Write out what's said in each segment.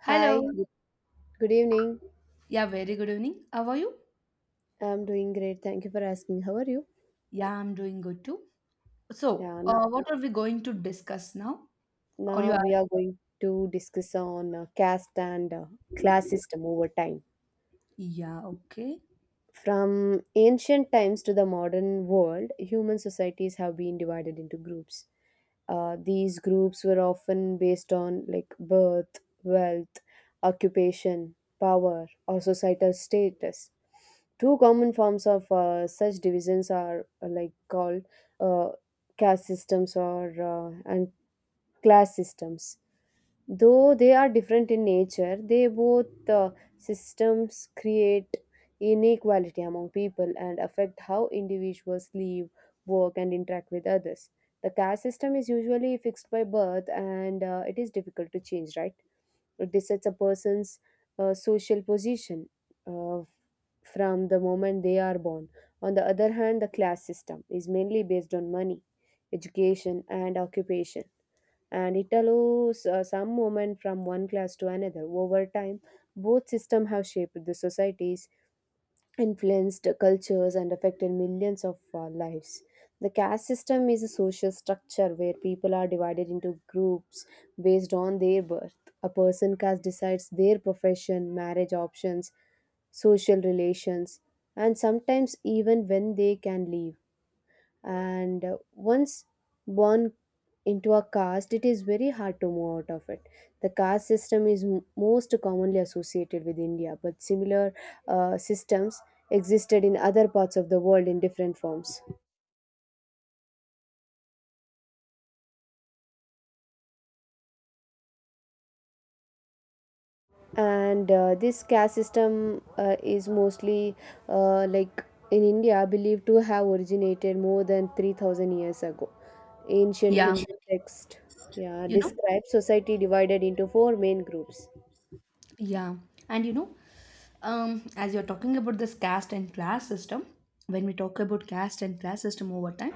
Hello. Hi, good, good evening. Yeah, very good evening. How are you? I'm doing great. Thank you for asking. How are you? Yeah, I'm doing good too. So, Yeah, now, what are we going to discuss now? Or you now are? we are going to discuss on caste and class system over time. Yeah, okay. From ancient times to the modern world, human societies have been divided into groups. These groups were often based on like birth, wealth, occupation, power, or societal status. Two common forms of such divisions are like called uh, caste systems or and class systems. Though they are different in nature, they both systems create inequality among people and affect how individuals live, work, and interact with others. The caste system is usually fixed by birth and it is difficult to change, right? It decides a person's social position uh, from the moment they are born. On the other hand, the class system is mainly based on money, education, and occupation, and it allows some movement from one class to another. Over time, both systems have shaped the societies, influenced cultures, and affected millions of lives. The caste system is a social structure where people are divided into groups based on their birth. A person caste decides their profession, marriage options, social relations, and sometimes even when they can leave. And once born into a caste, it is very hard to move out of it. The caste system is most commonly associated with India, but similar systems existed in other parts of the world in different forms. And this caste system is mostly uh, like in India believed to have originated more than 3,000 years ago. Ancient Yeah, Yeah, Hindu sure. text yeah, you know, describes society divided into four main groups. yeah. And you know, as you're talking about this caste and class system, when we talk about caste and class system over time,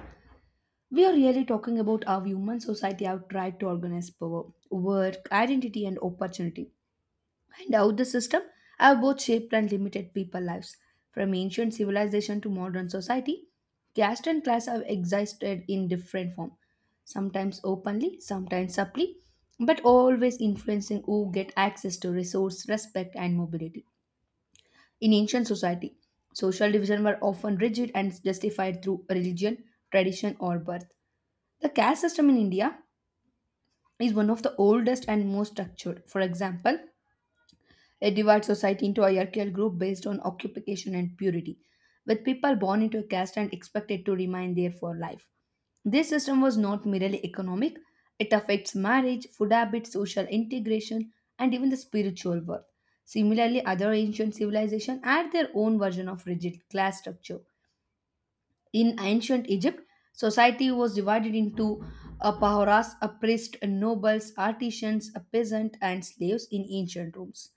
we are really talking about how human society have tried to organize power, work, identity, and opportunity. And out the system have both shaped and limited people lives. From ancient civilization to modern society, caste and class have existed in different form, sometimes openly, sometimes subtly, but always influencing who get access to resource, respect, and mobility. In ancient society, social division were often rigid and justified through religion, tradition, or birth. The caste system in India is one of the oldest and most structured. For example, it divides society into a hierarchical groups based on occupation and purity, with people born into a caste and expected to remain there for life. This system was not merely economic, it affects marriage, food habits, social integration, and even the spiritual world. Similarly, other ancient civilizations had their own version of rigid class structure. In ancient Egypt, society was divided into a pahoras, a priest, a nobles, artisans, a peasant, and slaves. In ancient Rooms,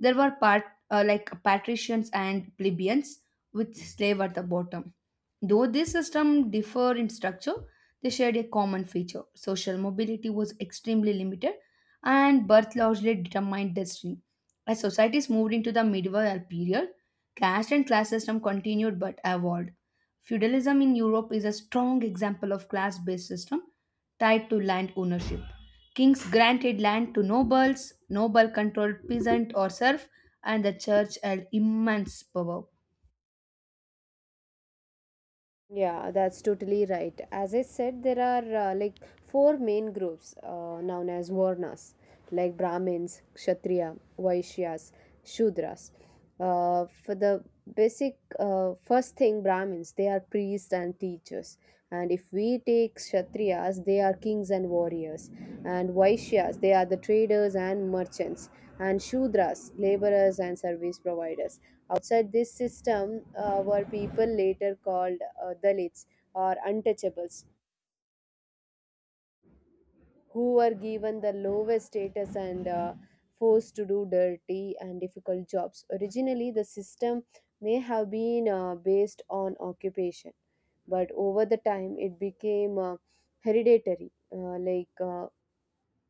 there were part, like patricians and plebeians, with slave at the bottom. Though this system differ in structure, they shared a common feature. Social mobility was extremely limited, and birth largely determined destiny. As societies moved into the medieval period, caste and class system continued but evolved. Feudalism in Europe is a strong example of class based system tied to land ownership. Kings granted land to nobles, noble controlled peasant or serf, and the church had immense power. Yeah, that's totally right. As I said, there are like four main groups known as Varnas, like Brahmins, Kshatriya, Vaishyas, Shudras. For the basic first thing, Brahmins, they are priests and teachers. And if we take Kshatriyas, they are kings and warriors. And Vaishyas, they are the traders and merchants. And Shudras, laborers and service providers. Outside this system were people later called Dalits or untouchables, who were given the lowest status and forced to do dirty and difficult jobs. Originally, the system may have been based on occupation, but over the time it became uh, hereditary, uh, like uh,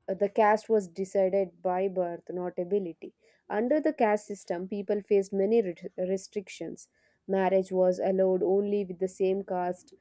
Uh, The caste was decided by birth, not ability. Under the caste system, people faced many restrictions. Marriage was allowed only with the same caste,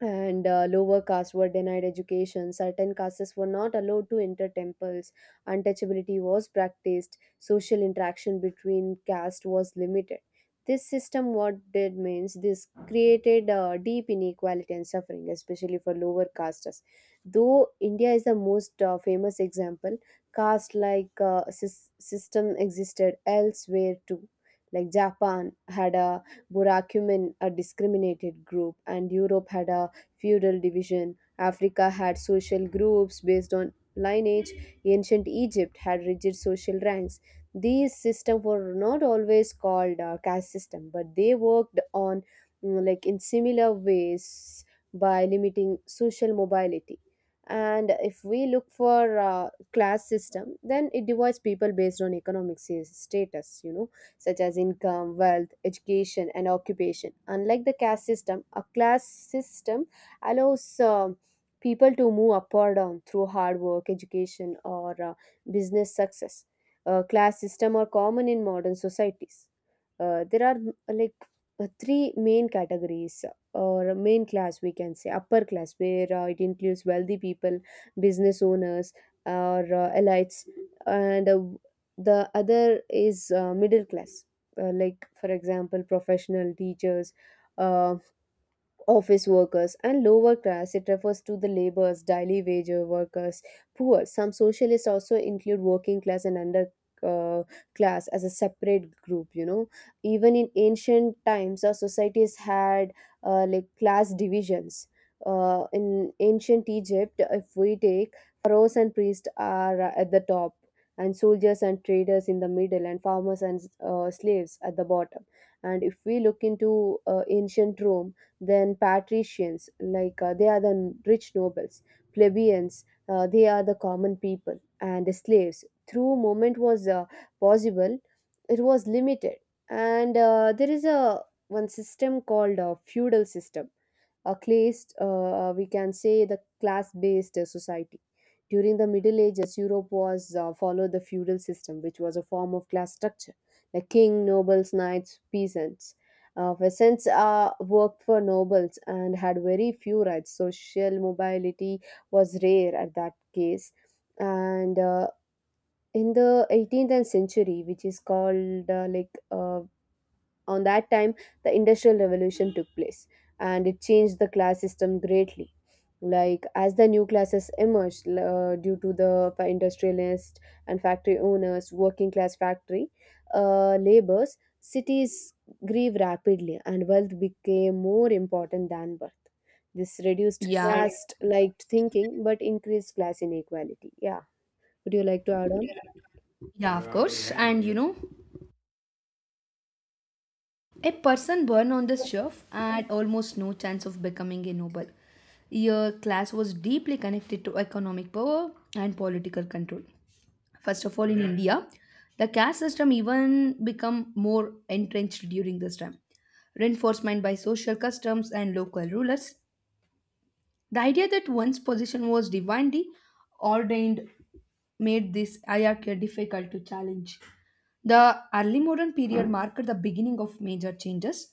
and lower castes were denied education. Certain castes were not allowed to enter temples. Untouchability was practiced. Social interaction between castes was limited. This system, what did means, this created deep inequality and suffering, especially for lower castes. Though India is the most famous example, caste like sys- system existed elsewhere too. Like Japan had a Burakumin, a discriminated group, and Europe had a feudal division. Africa had social groups based on lineage. Ancient Egypt had rigid social ranks. These systems were not always called caste system, but they worked on like in similar ways by limiting social mobility. And if we look for class system, then it divides people based on economic status. You know, such as income, wealth, education, and occupation. Unlike the caste system, a class system allows people to move up or down through hard work, education, or business success. Class system are common in modern societies. There are uh, like three main categories or main class, we can say upper class, where it includes wealthy people, business owners, or elites, and the other is middle class. Like for example, professional teachers, uh, office workers, and lower class, it refers to the laborers, daily wage workers, poor. Some socialists also include working class and under uh, class as a separate group, you know. Even in ancient times, our societies had like class divisions. In ancient Egypt, if we take, pharaohs and priests are at the top, and soldiers and traders in the middle, and farmers and slaves at the bottom. And if we look into ancient Rome, then patricians, like they are the rich nobles, plebeians, they are the common people, and slaves. Through movement was possible, it was limited, and there is a one system called feudal system, a classed we can say the class based society. During the middle ages, Europe was followed the feudal system, which was a form of class structure. The king, nobles, knights, peasants, peasants worked for nobles and had very few rights. Social mobility was rare at that case. And in the 18th and century which is called like on that time, the Industrial Revolution took place, and it changed the class system greatly. Like, as the new classes emerged due to the industrialists and factory owners, working class factory laborers, cities grew rapidly and wealth became more important than birth. This reduced Yeah, caste like thinking but increased class inequality. Yeah. Would you like to add on? yeah, of course. And you know, a person born on the shelf had almost no chance of becoming a noble. Your class was deeply connected to economic power and political control. First of all, in India, the caste system even become more entrenched during this time. Reinforcement by social customs and local rulers, the idea that one's position was divinely ordained made this hierarchy difficult to challenge. The early modern period marked the beginning of major changes.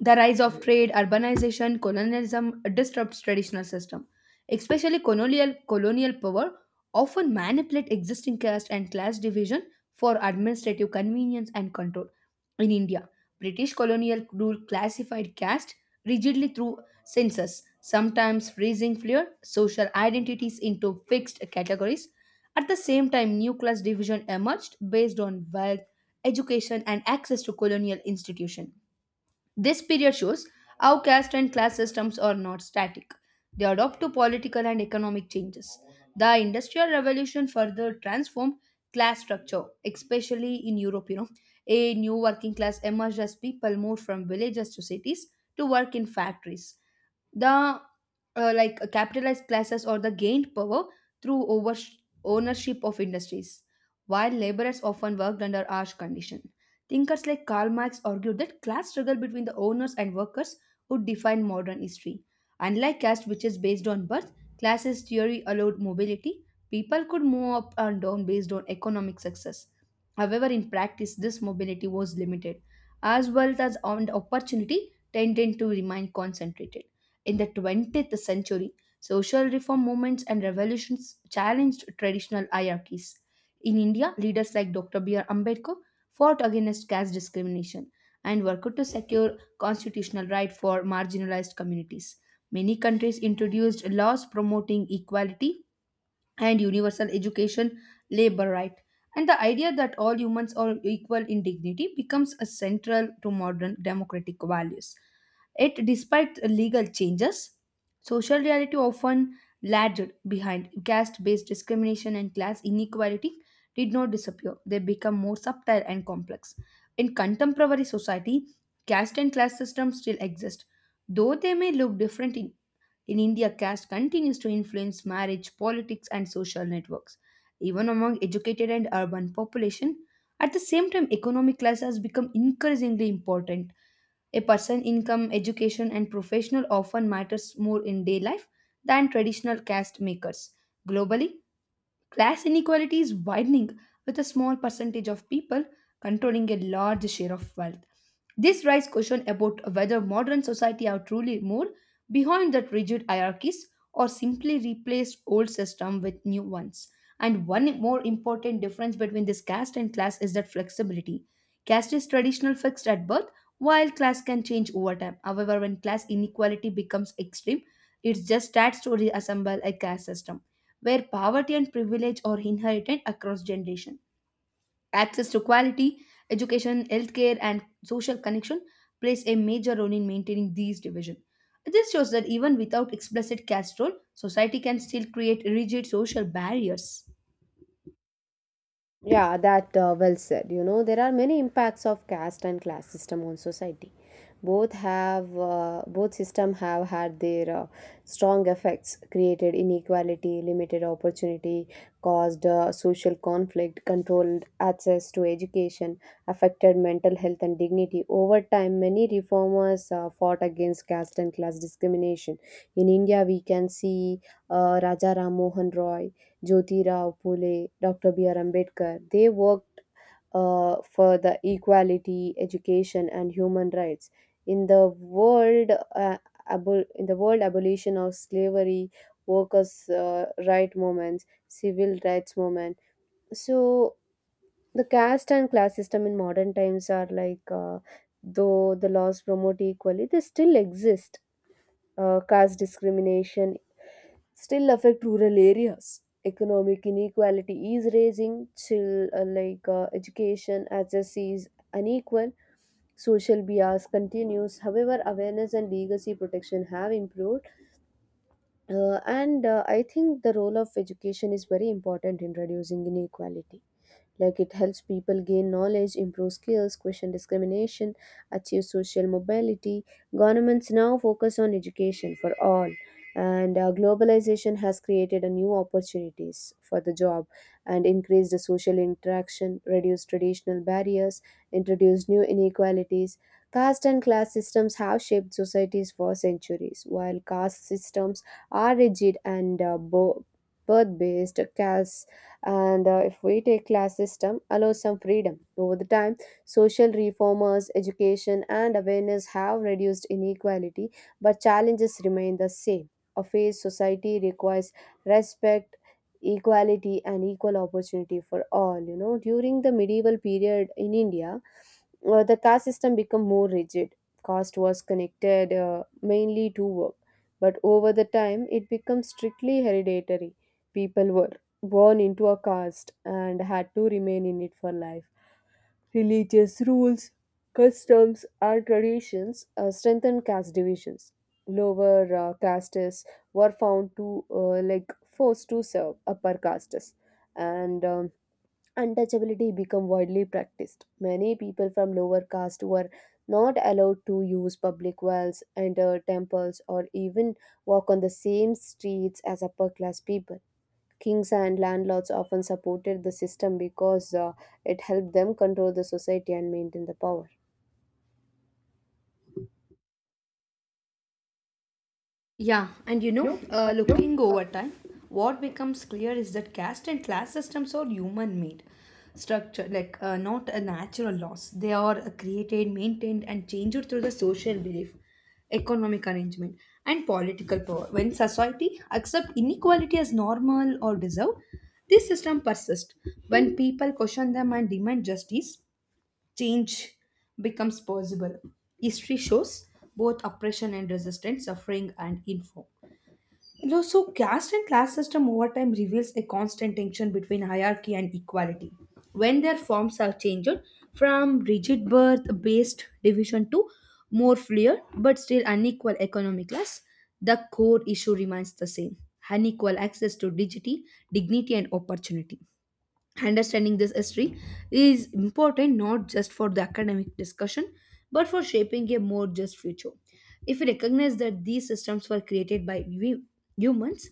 The rise of trade, urbanization, colonialism disrupts traditional system. Especially colonial power often manipulate existing caste and class division for administrative convenience and control. In India, British colonial rule classified caste rigidly through census, sometimes freezing clear social identities into fixed categories. At the same time, new class division emerged based on wealth, education, and access to colonial institution. This period shows how caste and class systems are not static. They adapt to political and economic changes. The Industrial Revolution further transformed class structure, especially in Europe. You know, a new working class emerged as people moved from villages to cities to work in factories. The capitalized classes or the gained power through over ownership of industries while laborers often worked under harsh conditions. Thinkers like Karl Marx argued that class struggle between the owners and workers would define modern history. Unlike caste which is based on birth, classes theory allowed mobility. People could move up and down based on economic success. However, in practice this mobility was limited, as well as on opportunity tended to remain concentrated. In the 20th century, social reform movements and revolutions challenged traditional hierarchies. In India, leaders like Dr. B.R. Ambedkar fought against caste discrimination and worked to secure constitutional rights for marginalized communities. Many countries introduced laws promoting equality and universal education, labor right. And the idea that all humans are equal in dignity becomes a central to modern democratic values. Yet, despite legal changes, social reality often lagged behind. Caste based discrimination and class inequality did not disappear, they become more subtle and complex. In contemporary society, caste and class systems still exist, though they may look different. In in India, caste continues to influence marriage, politics, and social networks, even among educated and urban population. At the same time, economic class has become increasingly important. A person's income, education, and professional often matters more in day life than traditional caste makers. Globally, class inequality is widening, with a small percentage of people controlling a large share of wealth. This raises question about whether modern society are truly more behind that rigid hierarchies or simply replaced old system with new ones. And one more important difference between this caste and class is that flexibility. Caste is traditional fixed at birth, while class can change over time. However, when class inequality becomes extreme, it just starts to reassemble a caste system where poverty and privilege are inherited across generation. Access to quality education, healthcare, and social connection plays a major role in maintaining these divisions. This shows that even without explicit caste role, society can still create rigid social barriers. Yeah, that well said. You know, there are many impacts of caste and class system on society. Both system have had their strong effects, created inequality, limited opportunity, caused social conflict, controlled access to education, affected mental health and dignity. Over time, many reformers fought against caste and class discrimination. In India, we can see Raja Ram Mohan Roy, Jyoti Rao Phule, Dr. B.R. Ambedkar, they worked for the equality, education, and human rights. In the world, in the world, abolition of slavery, workers' right movements, civil rights movement. So the caste and class system in modern times are like, though the laws promote equality, they still exist. Caste discrimination still affect rural areas. Economic inequality is raising, chill, education access is unequal, social bias continues. However, awareness and legacy protection have improved. And I think the role of education is very important in reducing inequality. Like it helps people gain knowledge, improve skills, question discrimination, achieve social mobility. Governments now focus on education for all. And globalization has created a new opportunities for the job and increased the social interaction, reduced traditional barriers, introduced new inequalities. Caste and class systems have shaped societies for centuries, while caste systems are rigid and birth based. Caste and if we take class system allows some freedom. Over the time, social reformers, education, and awareness have reduced inequality, but challenges remain the same. A fair society requires respect, equality, and equal opportunity for all, you know. During the medieval period in India, the caste system became more rigid. Caste was connected mainly to work, but over the time it became strictly hereditary. People were born into a caste and had to remain in it for life. Religious rules, customs, and traditions strengthened caste divisions. Lower castes were found to forced to serve upper castes, and untouchability became widely practiced. Many people from lower caste were not allowed to use public wells, enter temples, or even walk on the same streets as upper class people. Kings and landlords often supported the system because it helped them control the society and maintain the power. Yeah, and you know, looking over time, what becomes clear is that caste and class systems are human made structure, like not a natural loss. They are created, maintained, and changed through the social belief, economic arrangement, and political power. When society accept inequality as normal or deserved, this system persists. When people question them and demand justice, change becomes possible. History shows both oppression and resistance, suffering and info. So, caste and class system over time reveals a constant tension between hierarchy and equality. When their forms are changed from rigid birth-based division to more fluid but still unequal economic class, the core issue remains the same: unequal access to dignity, dignity and opportunity. Understanding this history is important not just for the academic discussion but for shaping a more just future. If we recognize that these systems were created by humans,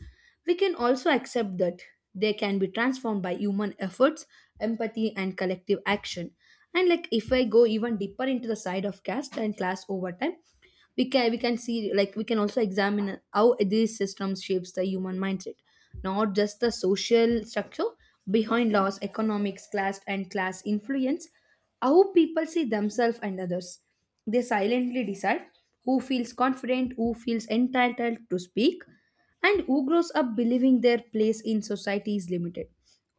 we can also accept that they can be transformed by human efforts, empathy, and collective action. And like if I go even deeper into the side of caste and class over time, we can see like we can also examine how these systems shapes the human mindset, not just the social structure behind laws economics class and class influence how people see themselves and others. They silently decide who feels confident, who feels entitled to speak, and who grows up believing their place in society is limited.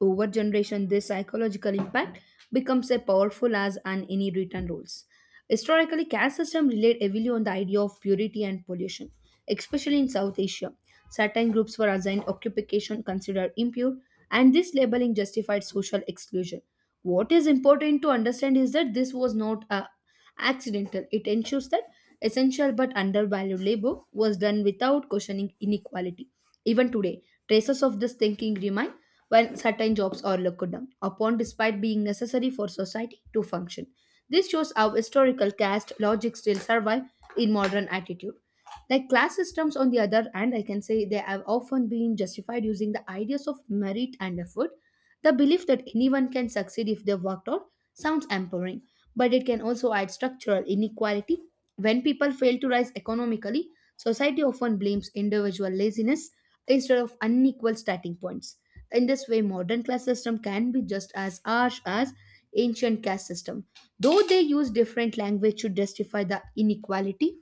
Over generation, this psychological impact becomes as powerful as an any written rules. Historically, caste system relied heavily on the idea of purity and pollution, especially in South Asia. Certain groups were assigned occupation considered impure, and this labeling justified social exclusion. What is important to understand is that this was not a accidental. It ensures that essential but undervalued labor was done without questioning inequality. Even today, traces of this thinking remain when certain jobs are looked down upon despite being necessary for society to function. This shows how historical caste logic still survive in modern attitude. Like class systems, on the other hand, I can say they have often been justified using the ideas of merit and effort. The belief that anyone can succeed if they worked hard sounds empowering, but it can also add structural inequality. When people fail to rise economically, society often blames individual laziness instead of unequal starting points. In this way, modern class system can be just as harsh as ancient caste system, though they use different language to justify the inequality.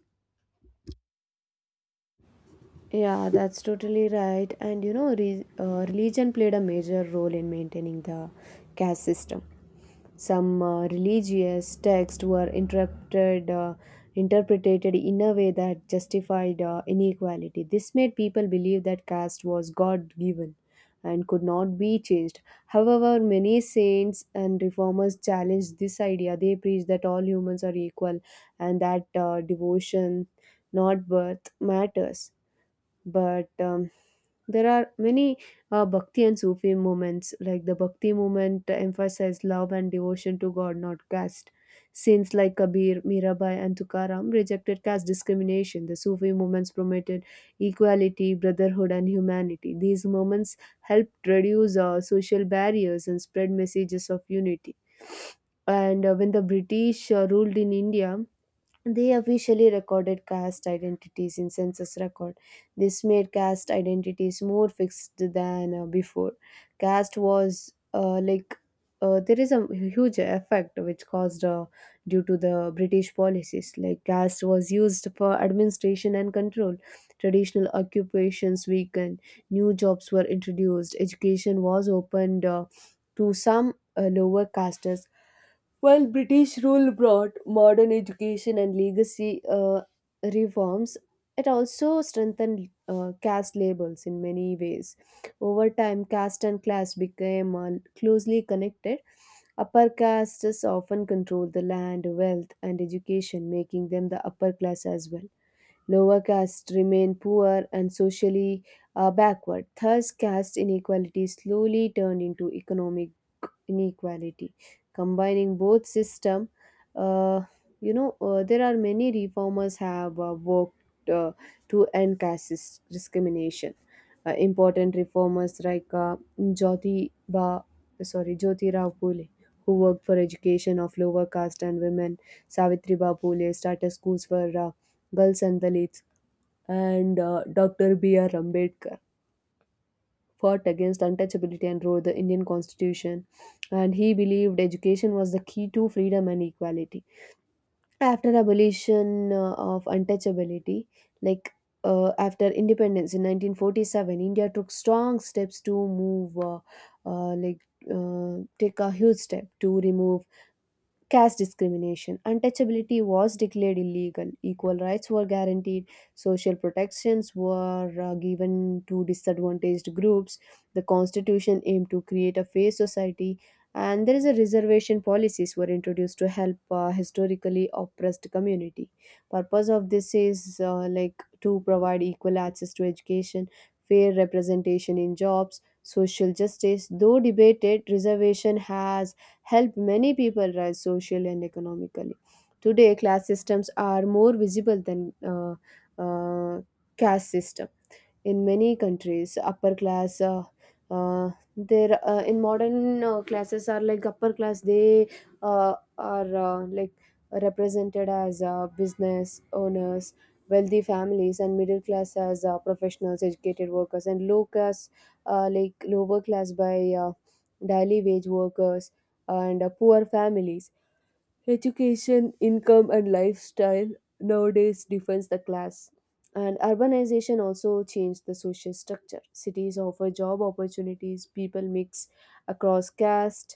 Yeah, that's totally right. And you know, religion played a major role in maintaining the caste system. Some religious texts were interpreted in a way that justified inequality. This made people believe that caste was god given and could not be changed. However, many saints and reformers challenged this idea. They preached that all humans are equal, and that devotion, not birth, matters. But there are many Bhakti and Sufi movements. Like the Bhakti movement emphasized love and devotion to god, not caste. Saints like Kabir, Mirabai, and Tukaram rejected caste discrimination. The Sufi movements promoted equality, brotherhood, and humanity. These movements helped reduce social barriers and spread messages of unity. And when the British ruled in India, they officially recorded caste identities in census record. This made caste identities more fixed than before. Caste was like There is a huge effect which caused due to the British policies. Like caste was used for administration and control. Traditional occupations weakened. New jobs were introduced. Education was opened to some lower castes. While British rule brought modern education and legacy reforms, it also strengthened caste labels in many ways. Over time, caste and class became closely connected. Upper castes often controlled the land, wealth, and education, making them the upper class as well. Lower castes remain poor and socially backward. Thus, caste inequality slowly turned into economic inequality. Combining both system, uh, there are many reformers have worked uh, to end caste discrimination. Important reformers like Jyotirao Phule, who worked for education of lower caste and women. Savitriba Phule started schools for girls and the Leads, and Dr. B.R. Ambedkar fought against untouchability and wrote the Indian Constitution. And he believed education was the key to freedom and equality. After abolition of untouchability, like after independence in 1947, India took strong steps to move, like take a huge step to remove caste discrimination. Untouchability was declared illegal. Equal rights were guaranteed. Social protections were given to disadvantaged groups. The constitution aimed to create a fair society. And there is a reservation policies were introduced to help historically oppressed community. Purpose of this is like to provide equal access to education, fair representation in jobs, social justice. Though debated, reservation has helped many people rise socially and economically. Today, class systems are more visible than uh, caste systems in many countries upper class uh, there in modern classes are like upper class they are represented as business owners, wealthy families, and middle class as professionals, educated workers, and lower class by uh, daily wage workers and poor families. Education, income, and lifestyle nowadays defines the class. And urbanization also changed the social structure. Cities offer job opportunities, people mix across caste,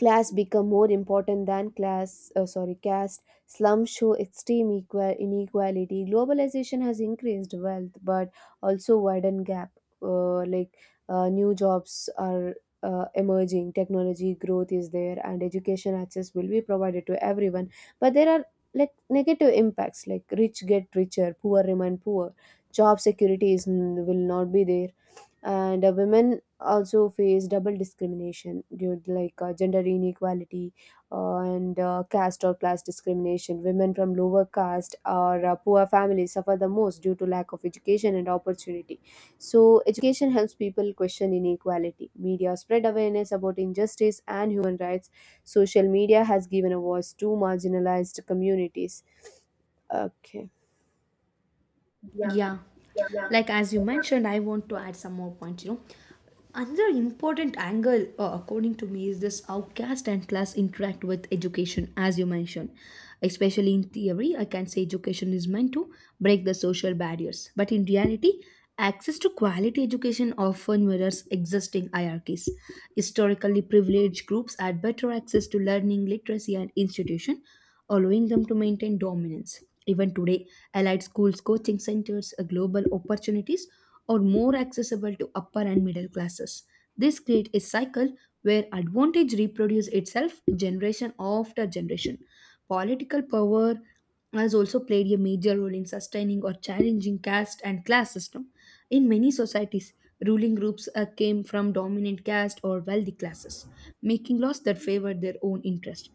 class become more important than class sorry caste. Slums show extreme equal inequality. Globalization has increased wealth but also widened gap. uh, like New jobs are emerging, technology growth is there, and education access will be provided to everyone, but there are like negative impacts like rich get richer, poor remain poor, job security is will not be there, and women also face double discrimination due to like gender inequality and caste or class discrimination. Women from lower caste or poor families suffer the most due to lack of education and opportunity. So education helps people question inequality, media spread awareness about injustice and human rights, social media has given a voice to marginalized communities. Okay. Yeah. Yeah. Yeah. Like as you mentioned, I want to add some more points, you know. Another important angle, according to me, is this how caste and class interact with education, as you mentioned. Especially in theory, I can say education is meant to break the social barriers. But in reality, access to quality education often mirrors existing hierarchies. Historically, privileged groups had better access to learning, literacy, and institution, allowing them to maintain dominance. Even today, allied schools, coaching centers, global opportunities are more accessible to upper and middle classes. This creates a cycle where advantage reproduces itself generation after generation. Political power has also played a major role in sustaining or challenging caste and class system. In many societies, ruling groups came from dominant caste or wealthy classes, making laws that favored their own interest.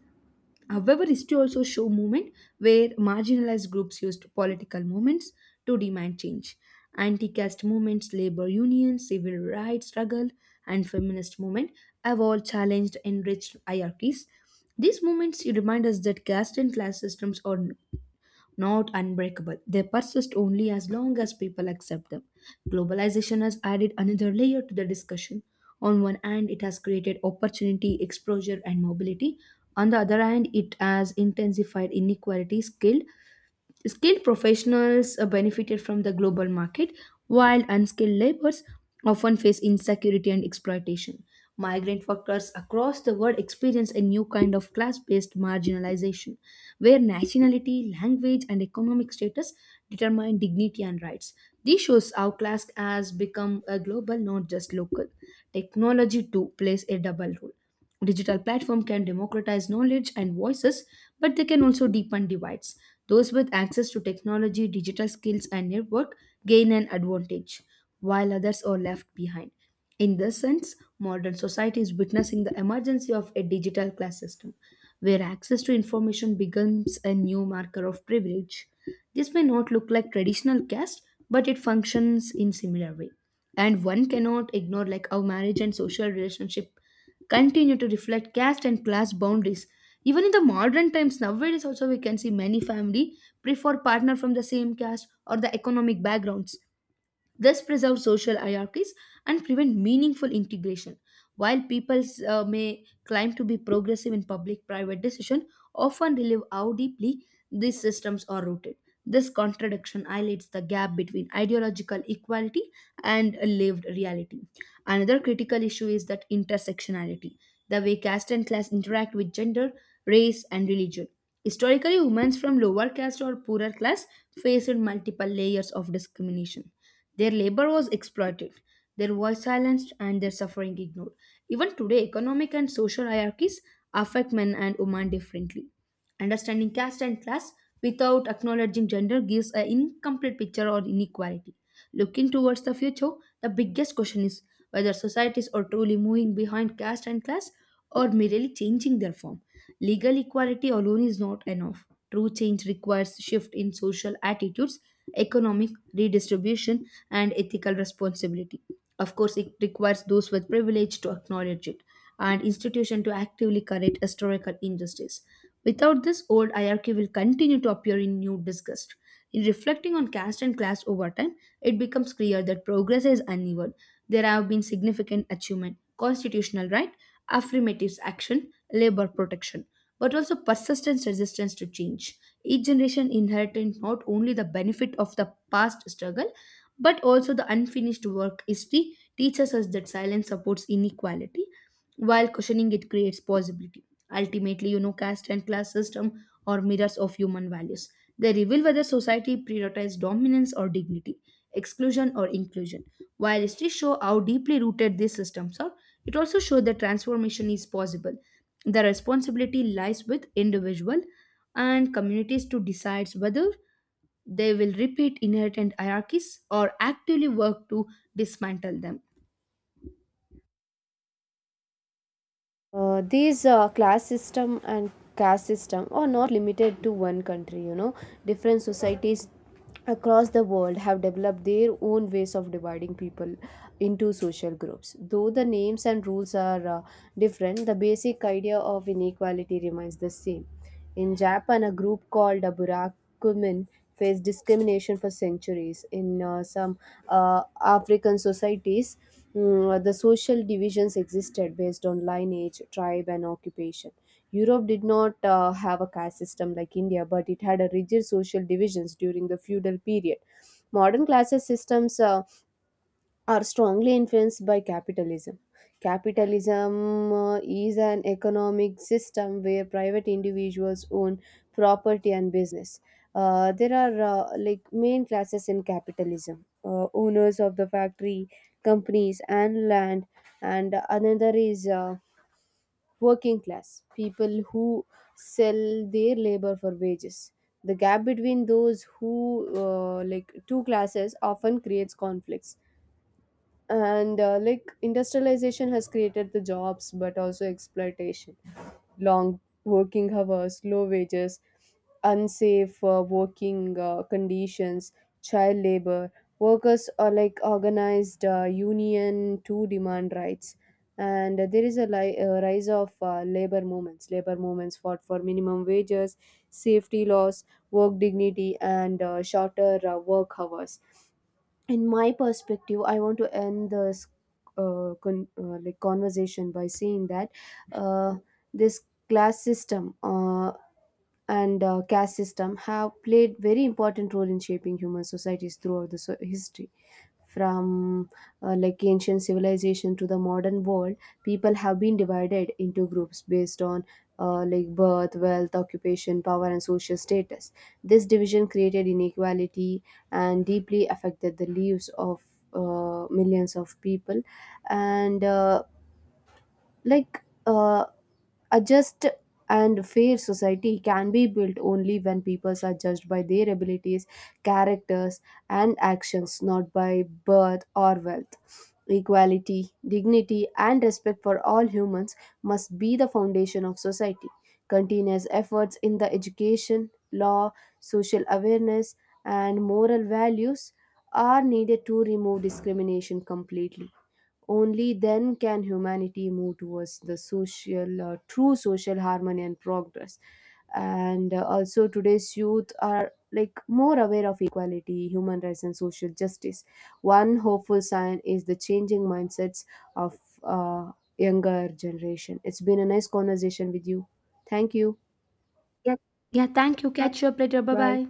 However, history also show movement where marginalized groups used political movements to demand change. Anti-caste movements, labor unions, civil rights struggle, and feminist movement have all challenged enriched hierarchies. These movements remind us that caste and class systems are not unbreakable. They persist only as long as people accept them. Globalization has added another layer to the discussion. On one hand, it has created opportunity, exposure, and mobility. On the other hand, it has intensified inequality, skill. Skilled professionals benefited from the global market, while unskilled laborers often face insecurity and exploitation. Migrant workers across the world experience a new kind of class based marginalization, where nationality, language, and economic status determine dignity and rights. This shows how class has become a global, not just local. Technology, too, plays a double role. Digital platform can democratize knowledge and voices, but they can also deepen divides. Those with access to technology, digital skills, and network gain an advantage, while others are left behind. In this sense, modern society is witnessing the emergence of a digital class system, where access to information becomes a new marker of privilege. This may not look like traditional caste, but it functions in similar way. And one cannot ignore like how marriage and social relationship continue to reflect caste and class boundaries even in the modern times. Nowadays also we can see many family prefer partner from the same caste or the economic backgrounds. This preserves social hierarchies and prevent meaningful integration. While people may claim to be progressive in public-private decision, often relive how deeply these systems are rooted. This contradiction highlights the gap between ideological equality and a lived reality. Another critical issue is that intersectionality, the way caste and class interact with gender, race, and religion. Historically, women from lower caste or poorer class faced multiple layers of discrimination. Their labor was exploited, their voice silenced, and their suffering ignored. Even today, economic and social hierarchies affect men and women differently. Understanding caste and class without acknowledging gender gives an incomplete picture of inequality. Looking towards the future, the biggest question is whether societies are truly moving behind caste and class or merely changing their form. Legal equality alone is not enough. True change requires shift in social attitudes, economic redistribution, and ethical responsibility. Of course, it requires those with privilege to acknowledge it and institutions to actively correct historical injustice. Without this, old hierarchy will continue to appear in new disgust. In reflecting on caste and class over time, it becomes clear that progress is uneven. There have been significant achievement, constitutional right, affirmative action, labor protection, but also persistent resistance to change. Each generation inherited not only the benefit of the past struggle but also the unfinished work. History teaches us that silence supports inequality while questioning it creates possibility. Ultimately, you know, caste and class system are mirrors of human values. They reveal whether society prioritizes dominance or dignity, exclusion or inclusion. While history show how deeply rooted these systems are, it also shows that transformation is possible. The responsibility lies with individual and communities to decide whether they will repeat inherent hierarchies or actively work to dismantle them. These class system and caste system are not limited to one country, you know. Different societies across the world have developed their own ways of dividing people into social groups. Though the names and rules are different, the basic idea of inequality remains the same. In Japan, a group called the Burakumin faced discrimination for centuries. In some African societies, mm, the social divisions existed based on lineage, tribe, and occupation. Europe did not have a caste system like India, but it had a rigid social divisions during the feudal period. Modern classes systems are strongly influenced by capitalism. Capitalism is an economic system where private individuals own property and business. There are like main classes in capitalism: owners of the factory, companies, and land, and another is working class people who sell their labor for wages. The gap between those who like two classes often creates conflicts, and like industrialization has created the jobs but also exploitation: long working hours, low wages, unsafe working conditions, child labor. Workers are like organized union to demand rights, and there is a, a rise of labor movements. Labor movements fought for minimum wages, safety laws, work dignity, and shorter work hours. In my perspective, I want to end this conversation by saying that uh, this class system and caste system have played very important role in shaping human societies throughout the history. From like ancient civilization to the modern world, people have been divided into groups based on like birth, wealth, occupation, power, and social status. This division created inequality and deeply affected the lives of millions of people. And like A just and fair society can be built only when people are judged by their abilities, characters, and actions, not by birth or wealth. Equality, dignity, and respect for all humans must be the foundation of society. Continuous efforts in the education, law, social awareness, and moral values are needed to remove discrimination completely. Only then can humanity move towards the true social harmony and progress. And also, today's youth are like more aware of equality, human rights, and social justice. One hopeful sign is the changing mindsets of younger generation. It's been a nice conversation with you. Thank you. Yep. Yeah, thank you. Yeah. Catch you up later. Bye Bye. bye.